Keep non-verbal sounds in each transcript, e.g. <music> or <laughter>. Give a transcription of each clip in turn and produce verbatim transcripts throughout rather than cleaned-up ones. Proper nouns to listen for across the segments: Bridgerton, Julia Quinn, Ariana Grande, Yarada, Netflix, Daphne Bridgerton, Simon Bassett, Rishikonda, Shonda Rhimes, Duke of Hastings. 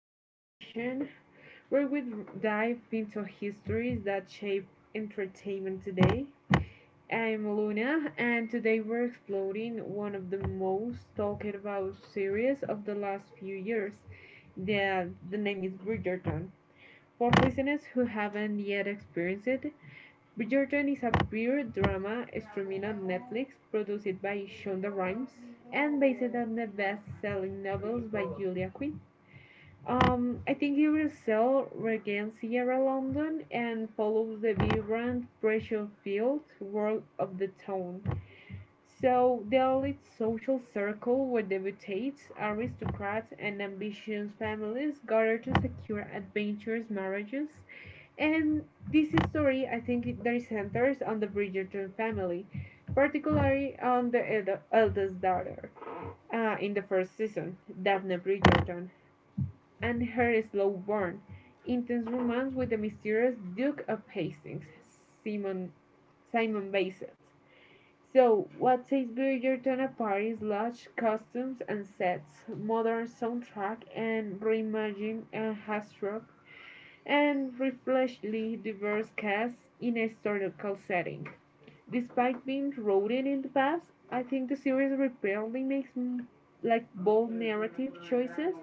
Conversation, where we dive into histories that shape entertainment today. I'm Luna, and today we're exploring one of the most talked about series of the last few years. The, the name is Bridgerton. For listeners who haven't yet experienced it, Bridgerton is a period drama streaming on Netflix, produced by Shonda Rhimes and based on the best-selling novels by Julia Quinn. Um, I think it will sell regains Sierra London and follows the vibrant, precious field world of the town. So the elite social circle where debutates, aristocrats, and ambitious families gather to secure adventurous marriages and this story, I think, it- there centers on the Bridgerton family, particularly on the eld- eldest daughter uh, in the first season, Daphne Bridgerton, and her slow burn, intense romance with the mysterious Duke of Hastings, Simon Simon Bassett. So, what sets Bridgerton apart is large costumes and sets, modern soundtrack, and reimagined and hashtag and reflexly diverse casts in a historical setting. Despite being rooted in the past, I think the series repeatedly makes mm, like bold narrative choices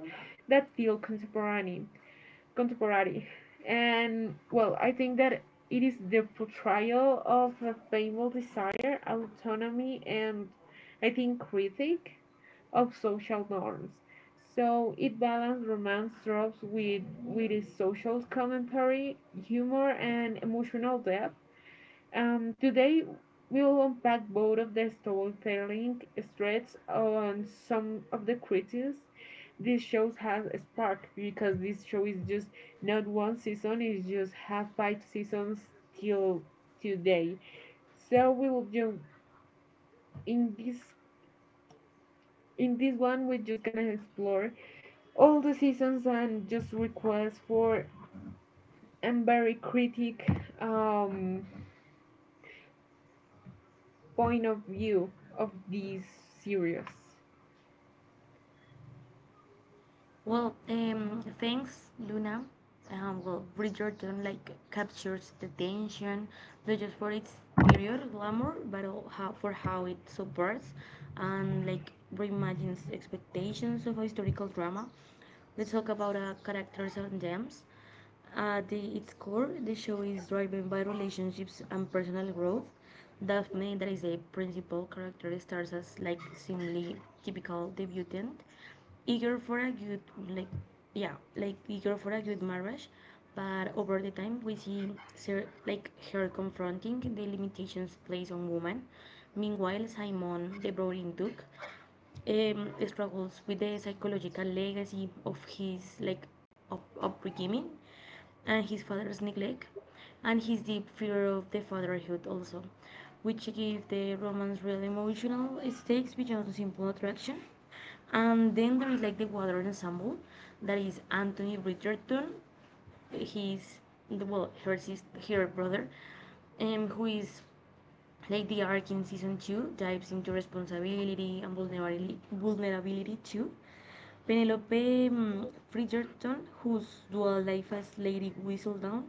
that feel contemporary, contemporary, and well, I think that it is the portrayal of a fabled desire, autonomy, and I think critique of social norms. So it balanced romance tropes with, with its social commentary, humor, and emotional depth. Um, today, we will unpack both of the storytelling threads on some of the critiques this show has sparked because this show is just not one season, it's just have five seasons till today. So we will jump in this in this one we're just gonna explore all the seasons and just requests for and very critic um, point of view of these series. Well, um, thanks, Luna. Um, well, Bridgerton like captures the tension, not just for its period glamour, but all how, for how it subverts and like reimagines expectations of a historical drama. Let's talk about uh, characters and gems. At the, its core, the show is driven by relationships and personal growth. Daphne, that is a principal character, starts as like seemingly typical debutant, eager for a good like yeah like eager for a good marriage, but over the time we see ser- like her confronting the limitations placed on women. Meanwhile, Simon, the brooding duke, um, struggles with the psychological legacy of his like up- upbringing and his father's neglect and his deep fear of the fatherhood also, which give the romance real emotional stakes beyond simple attraction. And then there is like the water ensemble that is anthony richardson, his well her, sis- her brother, um, who is like the arc in season two dives into responsibility and vulnerability, vulnerability too. Penelope mm, Bridgerton, whose dual life as Lady Whistledown,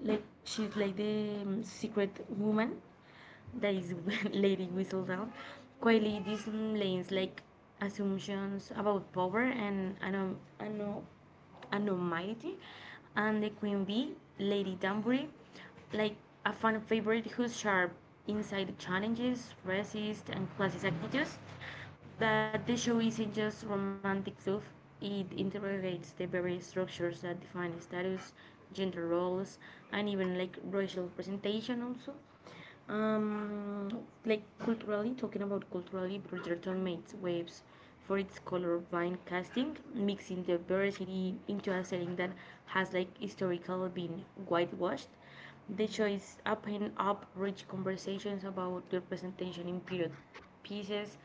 like she's like the mm, secret woman that is <laughs> Lady Whistledown, quietly dislanes like assumptions about power and ano- ano- and Almighty, and the Queen Bee, Lady Danbury, like a fan favorite who's sharp inside challenges, racist, and classist attitudes. But the show isn't just romantic fluff, it interrogates the very structures that define status, gender roles, and even like racial presentation also. Um, like culturally, talking about culturally, Bridgerton makes waves for its colorblind casting, mixing diversity into a setting that has like historically been whitewashed. The choice opened up rich conversations about the representation in period pieces,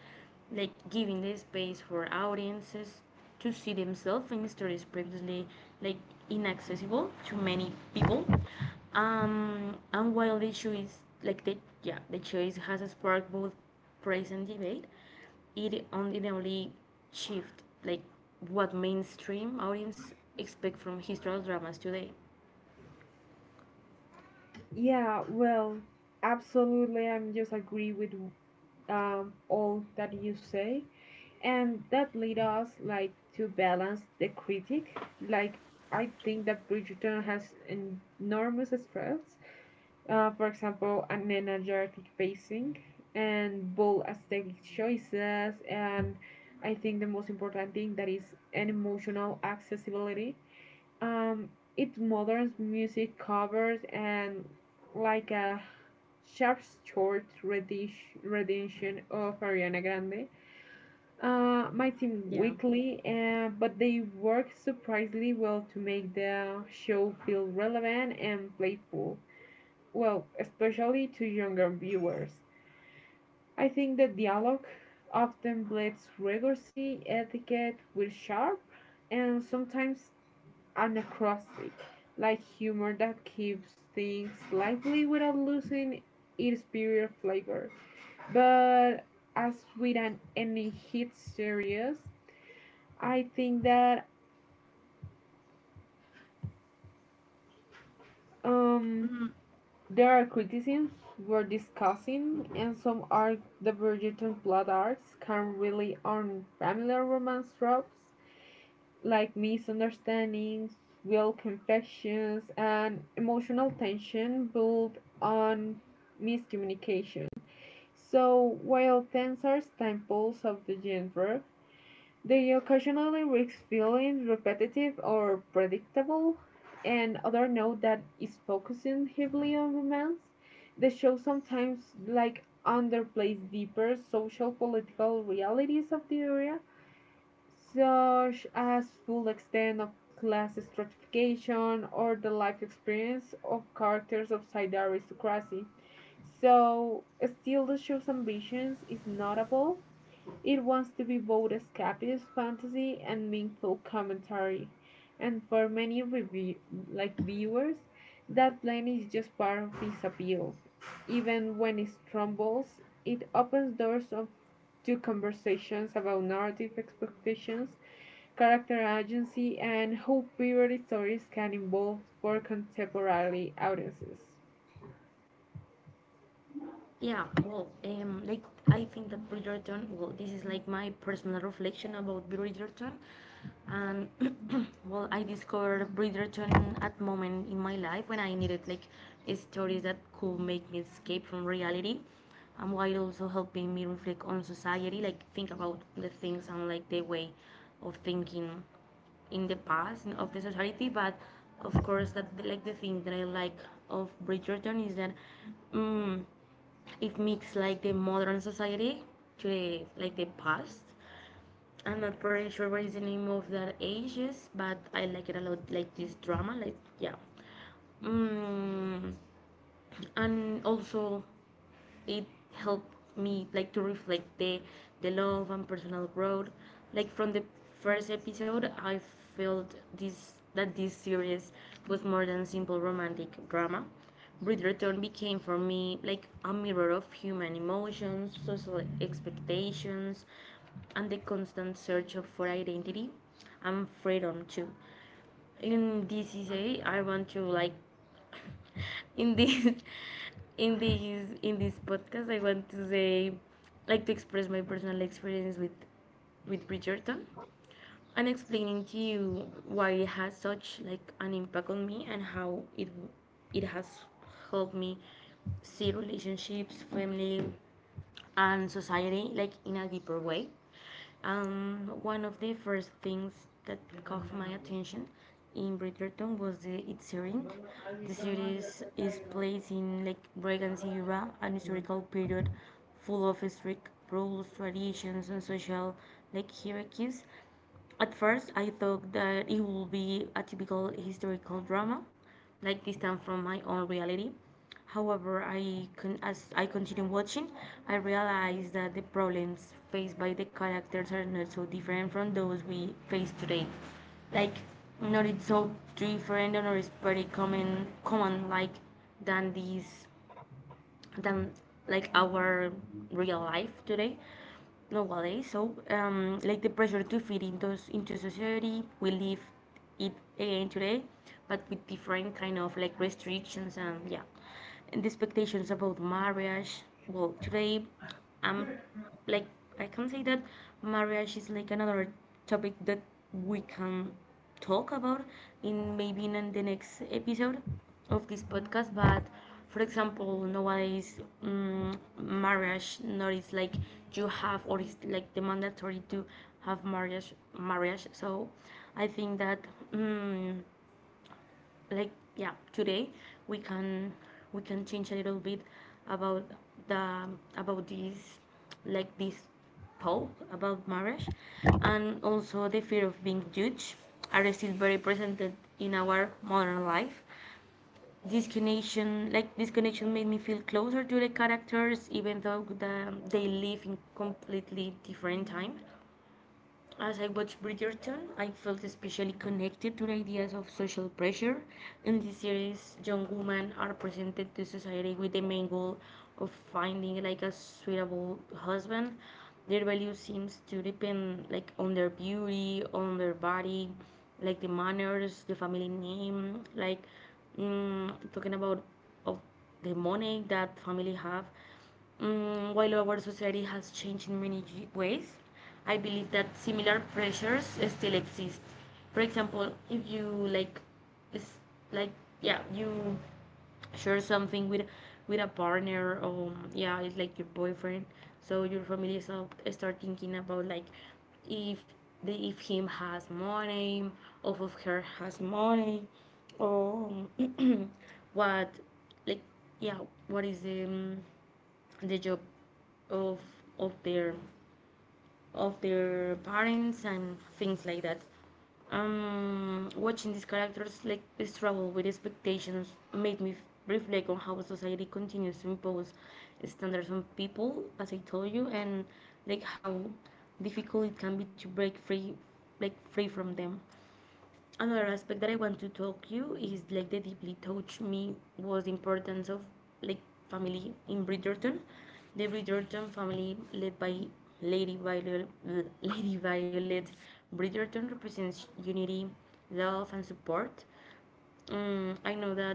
like giving the space for audiences to see themselves in stories previously like inaccessible to many people. Um, and while the issue is like the yeah the choice has sparked both praise and debate, it undeniably shifted like what mainstream audience expect from historical dramas today. Yeah, well, absolutely, I'm just agree with um, all that you say, and that lead us like to balance the critic. Like I think that Bridgerton has enormous strengths, uh, for example, an energetic pacing and bold aesthetic choices. And I think the most important thing that is an emotional accessibility. Um, it modern music covers and like a sharp short redish- rendition of Ariana Grande. Uh, might seem Yeah. weakly, uh, but they work surprisingly well to make the show feel relevant and playful well, especially to younger viewers. I think the dialogue often blends rigorosity, etiquette with sharp and sometimes anachronistic, like humor that keeps things lively without losing its superior flavor. But as with an, any hit series, I think that um, there are criticisms we're discussing, and some are divergent on plot arcs can rely on familiar romance tropes like misunderstandings, will confessions, and emotional tension built on miscommunication. So, while tensors are staples of the genre, they occasionally risk feeling repetitive or predictable, and others know that is focusing heavily on romance. The show sometimes like underplays deeper social political realities of the area, such as full extent of class stratification or the life experience of characters outside the aristocracy. So still the show's ambitions is notable it wants to be both escapist fantasy and meaningful commentary. And for many review like viewers, that blend is just part of its appeal. Even when it stumbles, it opens doors of, to conversations about narrative expectations, character agency, and how period stories can evolve for contemporary audiences. Yeah, well, um, like I think that Bridgerton. Well, this is like my personal reflection about Bridgerton, and <clears throat> well, I discovered Bridgerton at moment in my life when I needed like stories that could make me escape from reality, and while also helping me reflect on society, like think about the things and like the way of thinking in the past and of the society but of course that like the thing that I like of bridgerton is that um, it mixes like the modern society to the like the past. I'm not pretty sure what is the name of that ages, but I like it a lot. Like this drama, like yeah. Mm, and also it helped me like to reflect the the love and personal growth like from the first episode I felt this that this series was more than a simple romantic drama. Bridgerton became for me like a mirror of human emotions, social expectations, and the constant search of for identity and freedom too in this D C C A, I want to like <laughs> in this in this in this podcast I want to say like to express my personal experience with with Bridgerton and explaining to you why it has such like an impact on me and how it it has helped me see relationships, family and society like in a deeper way. And one of the first things that caught my attention in Bridgerton was the its setting. The series is placed in Lake Regency era, an historical period full of strict rules, traditions, and social like hierarchies. At first, I thought that it would be a typical historical drama, like distant from my own reality. However, I con- as I continue watching, I realized that the problems faced by the characters are not so different from those we face today. Like, not it's so different or it's pretty common, common like than these than like our real life today nowadays so um, like the pressure to fit into into society we live it again today but with different kind of like restrictions and yeah and the expectations about marriage well today I'm like I can say that marriage is like another topic that we can talk about in maybe in the next episode of this podcast. But for example, nowadays mm marriage not is like you have or it's like the mandatory to have marriage marriage. So I think that mm like yeah today we can we can change a little bit about the about this like this talk about marriage and also the fear of being judged are still very present in our modern life. This connection like this connection made me feel closer to the characters even though the, they live in completely different time. As I watched Bridgerton, I felt especially connected to the ideas of social pressure. In this series, young women are presented to society with the main goal of finding like a suitable husband. Their value seems to depend like on their beauty, on their body, like the manners, the family name, like mm, talking about of of the money that family have. Mm, while our society has changed in many ways, I believe that similar pressures still exist. For example, if you like, is like yeah, you share something with with a partner or yeah it's like your boyfriend so your family start, start thinking about like if the if him has money or if her has money. Oh, <clears throat> what like yeah, what is the um, the job of of their of their parents and things like that. Um, watching these characters like struggle with expectations made me f- reflect on how society continues to impose standards on people, as I told you, and like how difficult it can be to break free, like free from them. Another aspect that I want to talk you is like the deeply touched me was the importance of like family in Bridgerton. The Bridgerton family led by Lady Violet, <laughs> Lady Violet Bridgerton represents unity, love and support. Um, I know that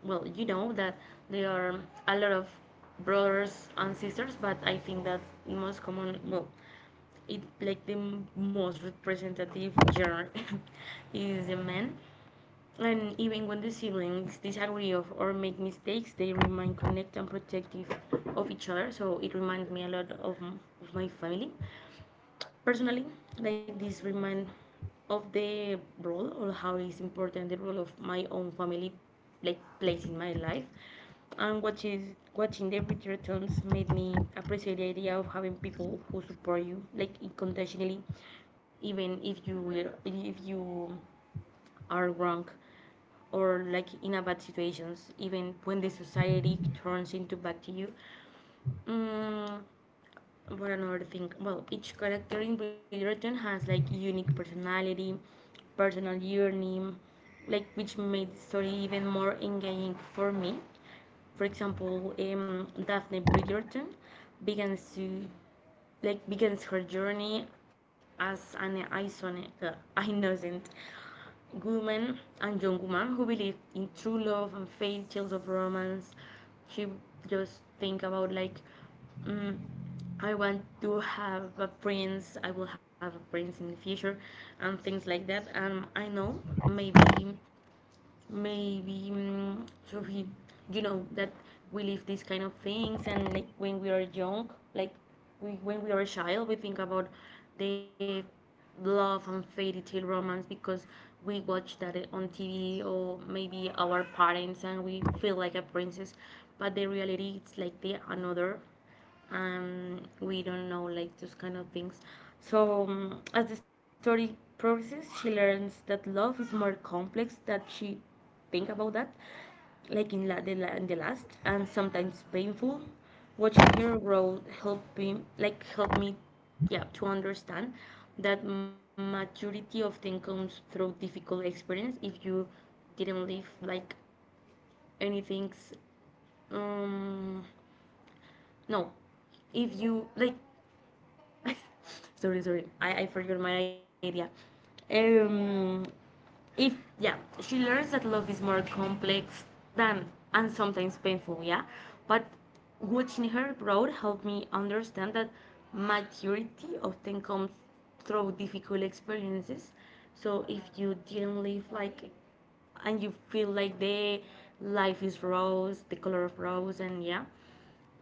well, you know that there are a lot of brothers and sisters, but I think that most common well it like the most representative genre <laughs> is the man, and even when the siblings disagree of or make mistakes, they remain connected and protective of each other. So it reminds me a lot of, m- of my family. Personally, like this remind of the role or how is important the role of my own family like plays in my life. And watching watching the returns made me appreciate the idea of having people who support you like unconditionally, even if you will, if you are wrong or like in a bad situations, even when the society turns into bad to you. Mm, what another thing? Well, each character in Bridgerton has like unique personality, personal journey, like which made the story even more engaging for me. For example, um, Daphne Bridgerton begins to like begins her journey as an innocent, uh, innocent woman and young woman who believe in true love and faith, tales of romance. She just think about like, mm, I want to have a prince. I will have a prince in the future, and things like that. And I know maybe maybe mm, so he you know that we live these kind of things and like when we are young like we, when we are a child we think about the love and fairy tale romance because we watch that eh, on tv or maybe our parents and we feel like a princess but the reality it's like the another and we don't know like those kind of things. So um, as the story progresses, she learns that love is more complex that she think about that, like in la- the, la- in the last, and sometimes painful. Watching her grow helped me like help me, yeah, to understand that maturity often comes through difficult experience. If you didn't live like anything's, um, no, if you like <laughs> sorry, sorry. I, I forgot my idea. Um, if yeah, she learns that love is more complex than and sometimes painful. Yeah, but watching her grow helped me understand that maturity often comes through difficult experiences. So if you didn't live like and you feel like the life is rose, the color of rose, and yeah,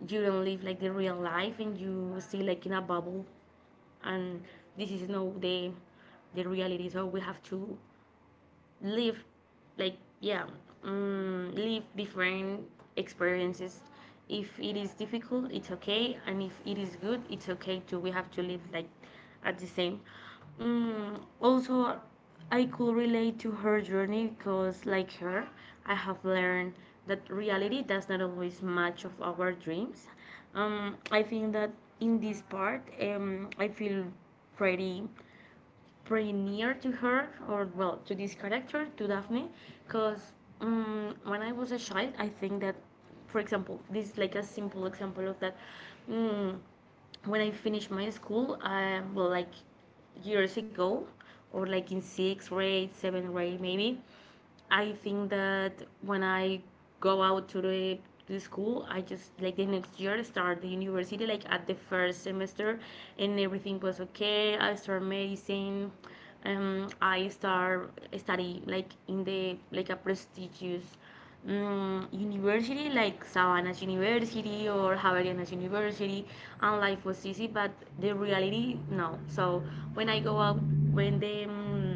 you don't live like the real life and you stay like in a bubble and this is no the the reality so we have to live like yeah um, live different experiences if it is difficult it's okay and if it is good it's okay too we have to live like at the same Um. Also, I could relate to her journey because like her, I have learned that reality does not always match of our dreams. um, I think that in this part, um, I feel pretty pretty near to her, or well, to this character, to Daphne, because um, when I was a child, I think that, for example, this is like a simple example of that. um, when I finished my school, I, well like years ago, or like in sixth grade, seventh grade maybe, I think that when I go out to the to the school, I just, like, the next year start the university, like at the first semester, and everything was okay. I start medicine. Um, I start study like in the, like a prestigious, um, university, like Savannah's University or Javerianas University, and life was easy. But the reality, no. So when I go out, when the um,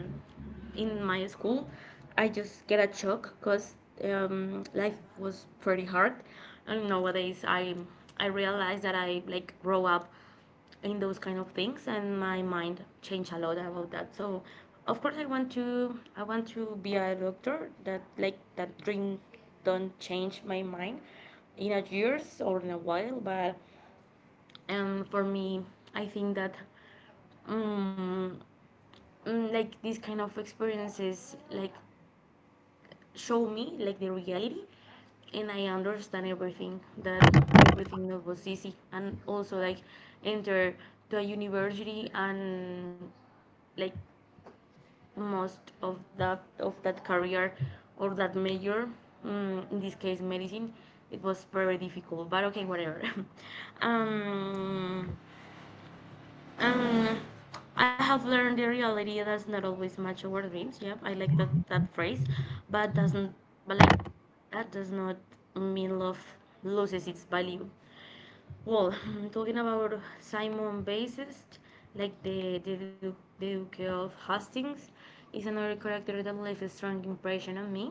in my school, I just get a shock because um, life was pretty hard. And nowadays, I I realize that I like grow up in those kind of things, and my mind changed a lot about that. So, of course, I want to I want to be a doctor. That, like, that dream don't change my mind in a years or in a while. But um, for me, I think that. Um, mm, like these kind of experiences, like, show me like the reality, and I understand everything that everything that was easy, and also, like, enter to a university and, like, most of that of that career or that major, mm, in this case medicine, it was very difficult, but okay, whatever. <laughs> um um, I have learned the reality does not always match our dreams. Yep, I like that that phrase, but doesn't, but, like, that does not mean love loses its value. Well, <laughs> <sighs> talking about Simon Bassist, like the the Duke the Duke of Hastings, is another character that left a strong impression on me.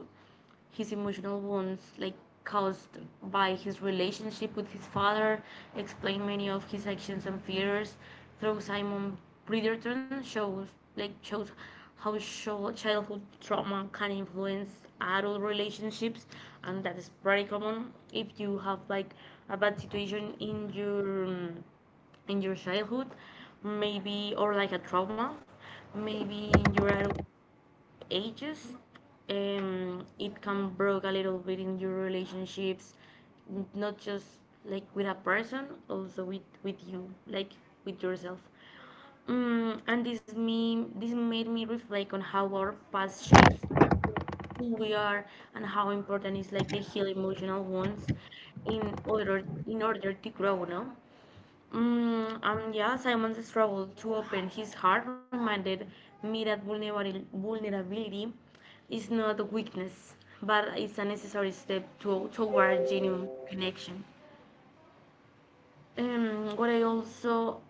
His emotional wounds, like, caused by his relationship with his father, explain many of his actions and fears. Through Simon, Bridgerton shows, like shows how sho- childhood trauma can influence adult relationships, and that is very common. If you have like a bad situation in your um, in your childhood, maybe, or like a trauma, maybe in your adult ages, um, it can break a little bit in your relationships, not just like with a person, also with with you, like with yourself. Mm, and this me this made me reflect on how our past shapes who we are and how important is like the heal emotional wounds, in order, in order to grow, no. Mm, Um. Yeah, Simon's struggle to open his heart reminded me that vulnerabil- vulnerability is not a weakness, but it's a necessary step to, toward genuine connection. Um, what I also,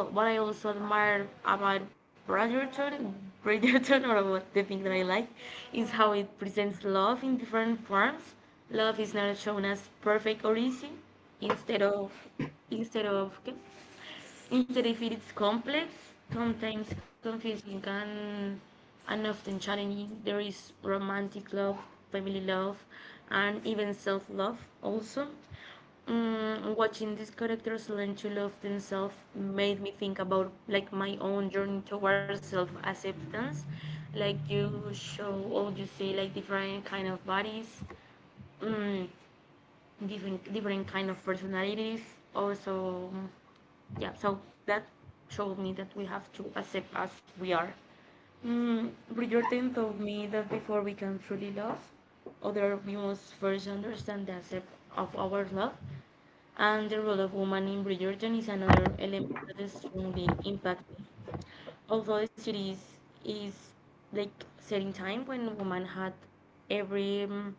well, what I also admire about Bridgerton, Bridgerton, <laughs> or what the thing that I like, is how it presents love in different forms. Love is not shown as perfect or easy. Instead of, instead of, ¿qué? Instead, it's complex, sometimes confusing, and, and often challenging. There is romantic love, family love, and even self love also. Mm, watching these characters learn to love themselves made me think about like my own journey towards self-acceptance. Like you show all, you see like different kind of bodies. Mm, different different kind of personalities also, yeah. So that showed me that we have to accept as we are. mm, Bridgerton told me that before we can truly love other, we must first understand the accept of our love. And the role of woman in Bridgerton is another element that strongly impacted me. Although the series is like set in time when woman had every um,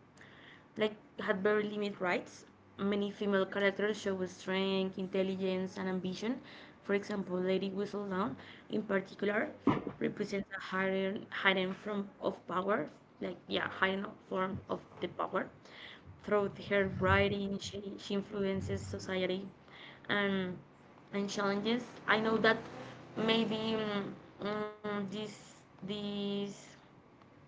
like had very limited rights. Many female characters show strength, intelligence, and ambition. For example, Lady Whistledown, in particular, represents a hidden, hidden form of power, like, yeah, hidden form of the power. Through her writing, she, she influences society, and and challenges. I know that maybe mm, mm, this this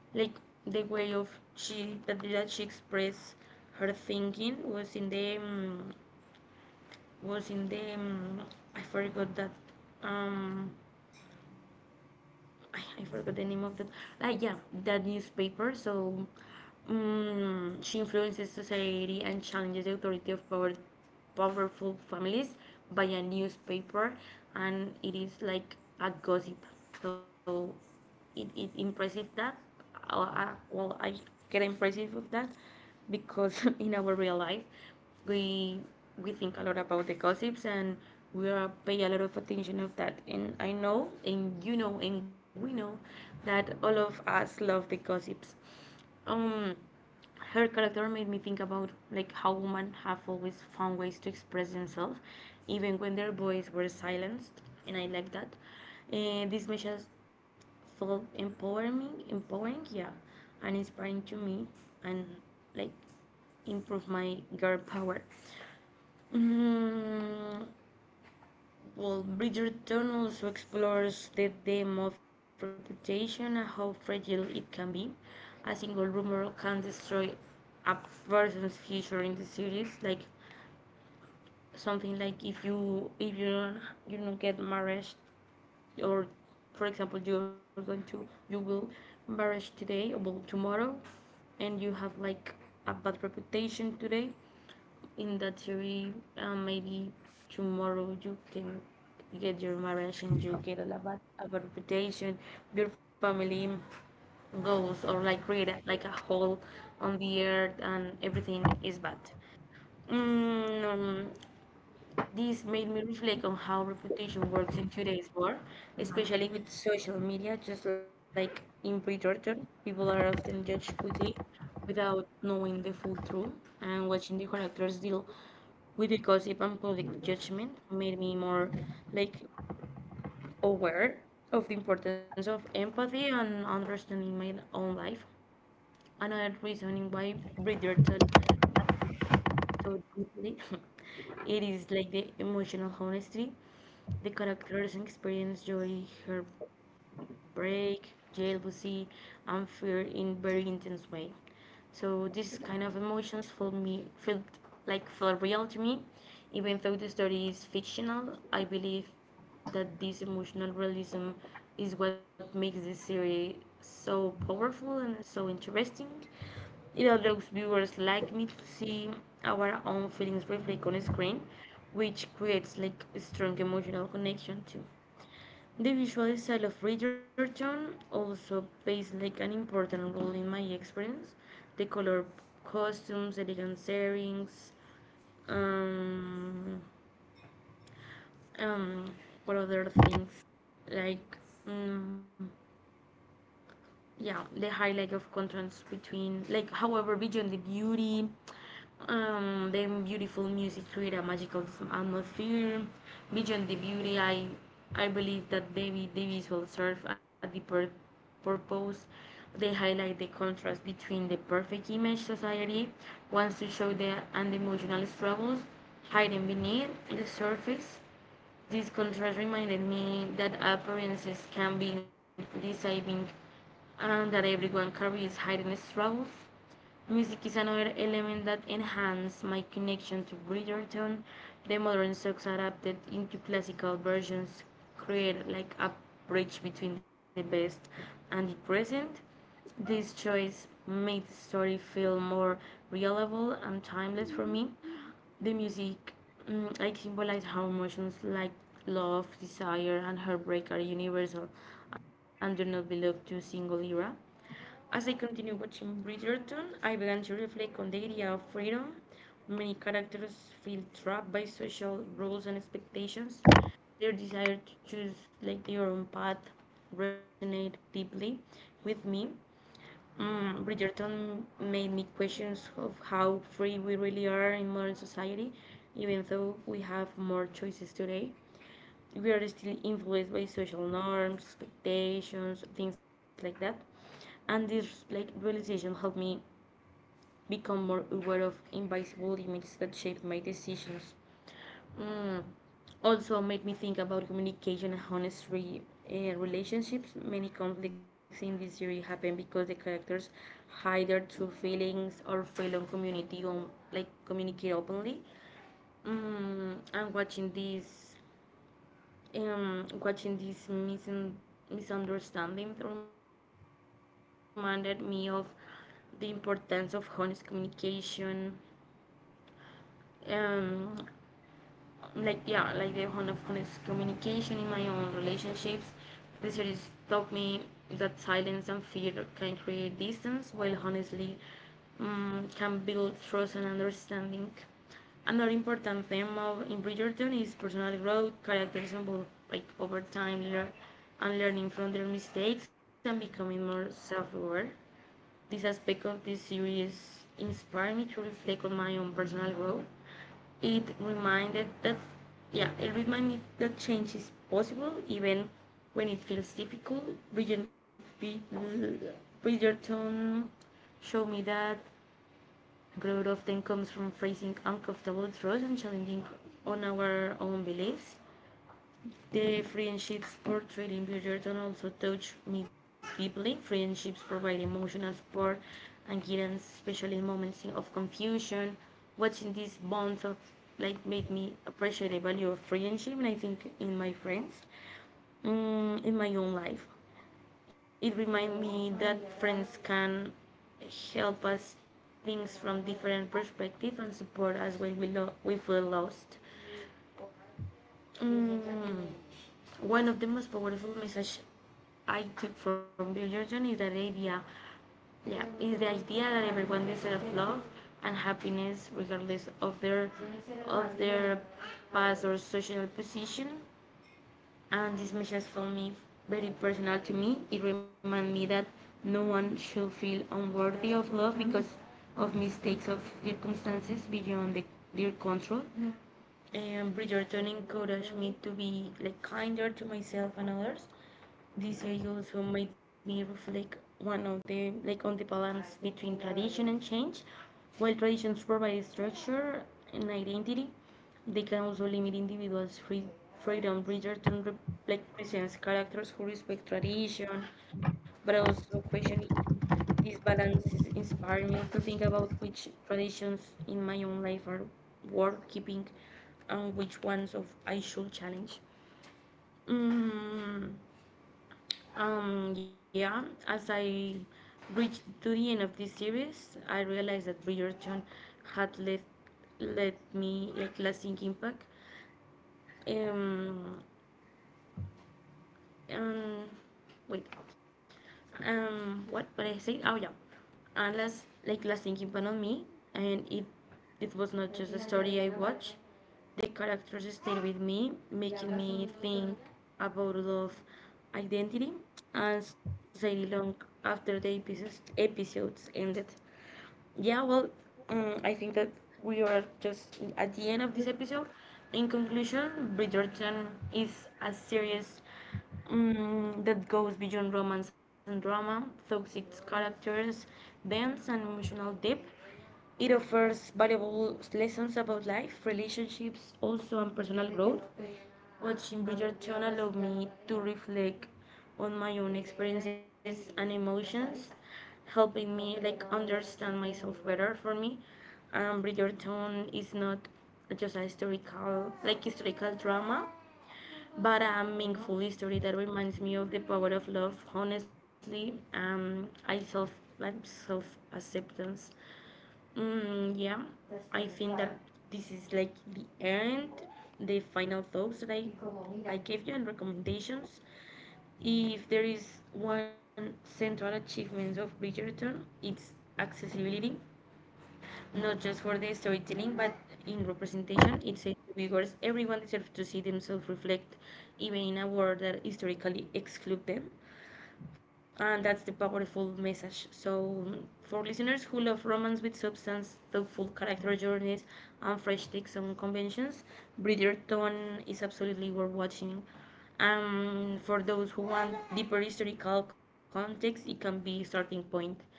like the way of she that, that she expressed her thinking was in the um, was in the um, I forgot that um I, I forgot the name of that, like, yeah, that newspaper. So um, she influences society and challenges the authority of power powerful families by a newspaper, and it is like a gossip. So it is impressive that, I, well, I get impressive of that because <laughs> in our real life, we we think a lot about the gossips and we are pay a lot of attention of that. And I know, and you know, and we know that all of us love the gossips. um Her character made me think about like how women have always found ways to express themselves even when their voices were silenced. And I like that. And these measures felt empowering empowering yeah, and inspiring to me, and, like, improve my girl power. Mm, well, Bridger Tone also explores the theme of reputation and how fragile it can be. A single rumor can destroy a person's future in the series, like something like, if you, if you don't you don't get married, or, for example, you're going to, you will marriage today, or well, tomorrow, and you have like a bad reputation today in the theory, uh, maybe tomorrow you can get your marriage, and you get a, lava- a reputation, your family goes, or like create a- like a hole on the earth, and everything is bad. Mm, um, this made me reflect on how reputation works in today's world, especially with social media. Just like in preterton, people are often judged quickly without knowing the full truth, and watching the characters deal with the gossip and public judgment made me more, like, aware of the importance of empathy and understanding my own life. Another reasoning why Bridgerton affected me so deeply. <laughs> It is like the emotional honesty. The characters experience joy, heartbreak, jealousy, and fear in very intense way. So this kind of emotions feel me feel like feel real to me, even though the story is fictional. I believe that this emotional realism is what makes this series so powerful and so interesting. It allows viewers like me to see our own feelings reflect on screen, which creates like a strong emotional connection too. The visual style of Bridgerton also plays like an important role in my experience. The color costumes, elegant settings, um, um, what other things, like, um, yeah, the highlight like of contrast between, like, however beyond the beauty, um the beautiful music create a magical atmosphere. Beyond the beauty, i i believe that the, vi- the visual serve a deeper purpose. They highlight the contrast between the perfect image society wants to show the, and the emotional struggles hiding beneath the surface. This contrast reminded me that appearances can be deceiving, and that everyone carries hidden struggles. Music is another element that enhances my connection to Bridgerton. The modern songs adapted into classical versions create like a bridge between the past and the present. This choice made the story feel more reliable and timeless for me. The music, mm, I symbolize how emotions like love, desire, and heartbreak are universal and do not belong to a single era. As I continue watching Bridgerton, I began to reflect on the idea of freedom. Many characters feel trapped by social rules and expectations. Their desire to choose like their own path resonate deeply with me. Mm, Bridgerton made me questions of how free we really are in modern society, even though we have more choices today. We are still influenced by social norms, expectations, things like that. And this, like, realization helped me become more aware of invisible limits that shape my decisions. Mm, Also made me think about communication and honesty in relationships. Many conflicts in this series happen because the characters hide their true feelings or fail on community on, like, communicate openly. Mm, and watching this, um, watching this misun- misunderstanding reminded me of the importance of honest communication, um, like, yeah, like the honest communication in my own relationships, research taught me that silence and fear can create distance, while honestly um, can build trust and understanding. Another important theme of in Bridgerton is personal growth. Characters evolve like over time, lear- and learning from their mistakes and becoming more self-aware. This aspect of this series inspired me to reflect on my own personal growth. It reminded that, yeah, it reminded me that change is possible even when it feels difficult. Bridget, Bridgerton showed me that growth often comes from facing uncomfortable truths and challenging on our own beliefs. The friendships portrayed in Bridgerton also touch me deeply. Friendships provide emotional support and guidance, especially in moments of confusion. Watching these bonds of, like, made me appreciate the value of friendship, and I think in my friends, mm, in my own life, it reminds me that friends can help us things from different perspectives and support us when we lo- we feel lost. Mm One of the most powerful messages I took from Bill Jordan is that idea, yeah, is the idea that everyone deserves love and happiness regardless of their of their past or social position. And this message for me very personal to me. It reminded me that no one should feel unworthy of love because of mistakes of circumstances beyond the, their control. And Bridgerton encouraged me to be, like, kinder to myself and others. This series also made me reflect one of the, like, on the balance between tradition and change. While traditions provide structure and identity, they can also limit individuals' free freedom. Bridgerton re- like presents characters who respect tradition, but also question it. This balance is inspiring me to think about which traditions in my own life are worth keeping, and which ones of I should challenge. Mm, um, yeah, as I reached to the end of this series, I realized that Bridgerton had left, left me like lasting impact. Um, um wait, um what what I say, oh yeah, unless like last thinking but on me. And it it was not just a story I watched. The characters stayed with me making me think about love, identity, and society long after the episodes episodes ended. Yeah, well, um, I think that we are just at the end of this episode. In conclusion, Bridgerton is a series um, that goes beyond romance and drama, through its characters, dance, and emotional depth. It offers valuable lessons about life, relationships, also, and personal growth. Watching Bridgerton allowed me to reflect on my own experiences and emotions, helping me, like, understand myself better. For me, um, Bridgerton is not just a historical, like, historical drama, but a meaningful story that reminds me of the power of love, honestly, um, I self, I'm self acceptance. Mm, yeah, I think that this is, like, the end, the final thoughts that I, I gave you and recommendations. If there is one central achievement of Bridgerton, it's accessibility, not just for the storytelling, but in representation. It says to viewers, everyone deserves to see themselves reflect, even in a world that historically excludes them. And that's the powerful message. So, for listeners who love romance with substance, thoughtful character journeys, and fresh takes on conventions, Bridgerton is absolutely worth watching. And for those who want deeper historical context, it can be a starting point.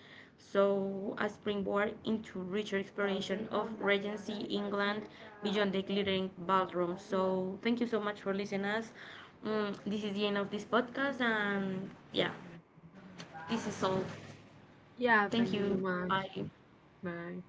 So, a springboard into richer exploration of Regency England beyond the glittering ballroom. So, thank you so much for listening us. Mm, this is the end of this podcast, and yeah, this is all. Thank Yeah, you. thank you so Bye. much. Bye.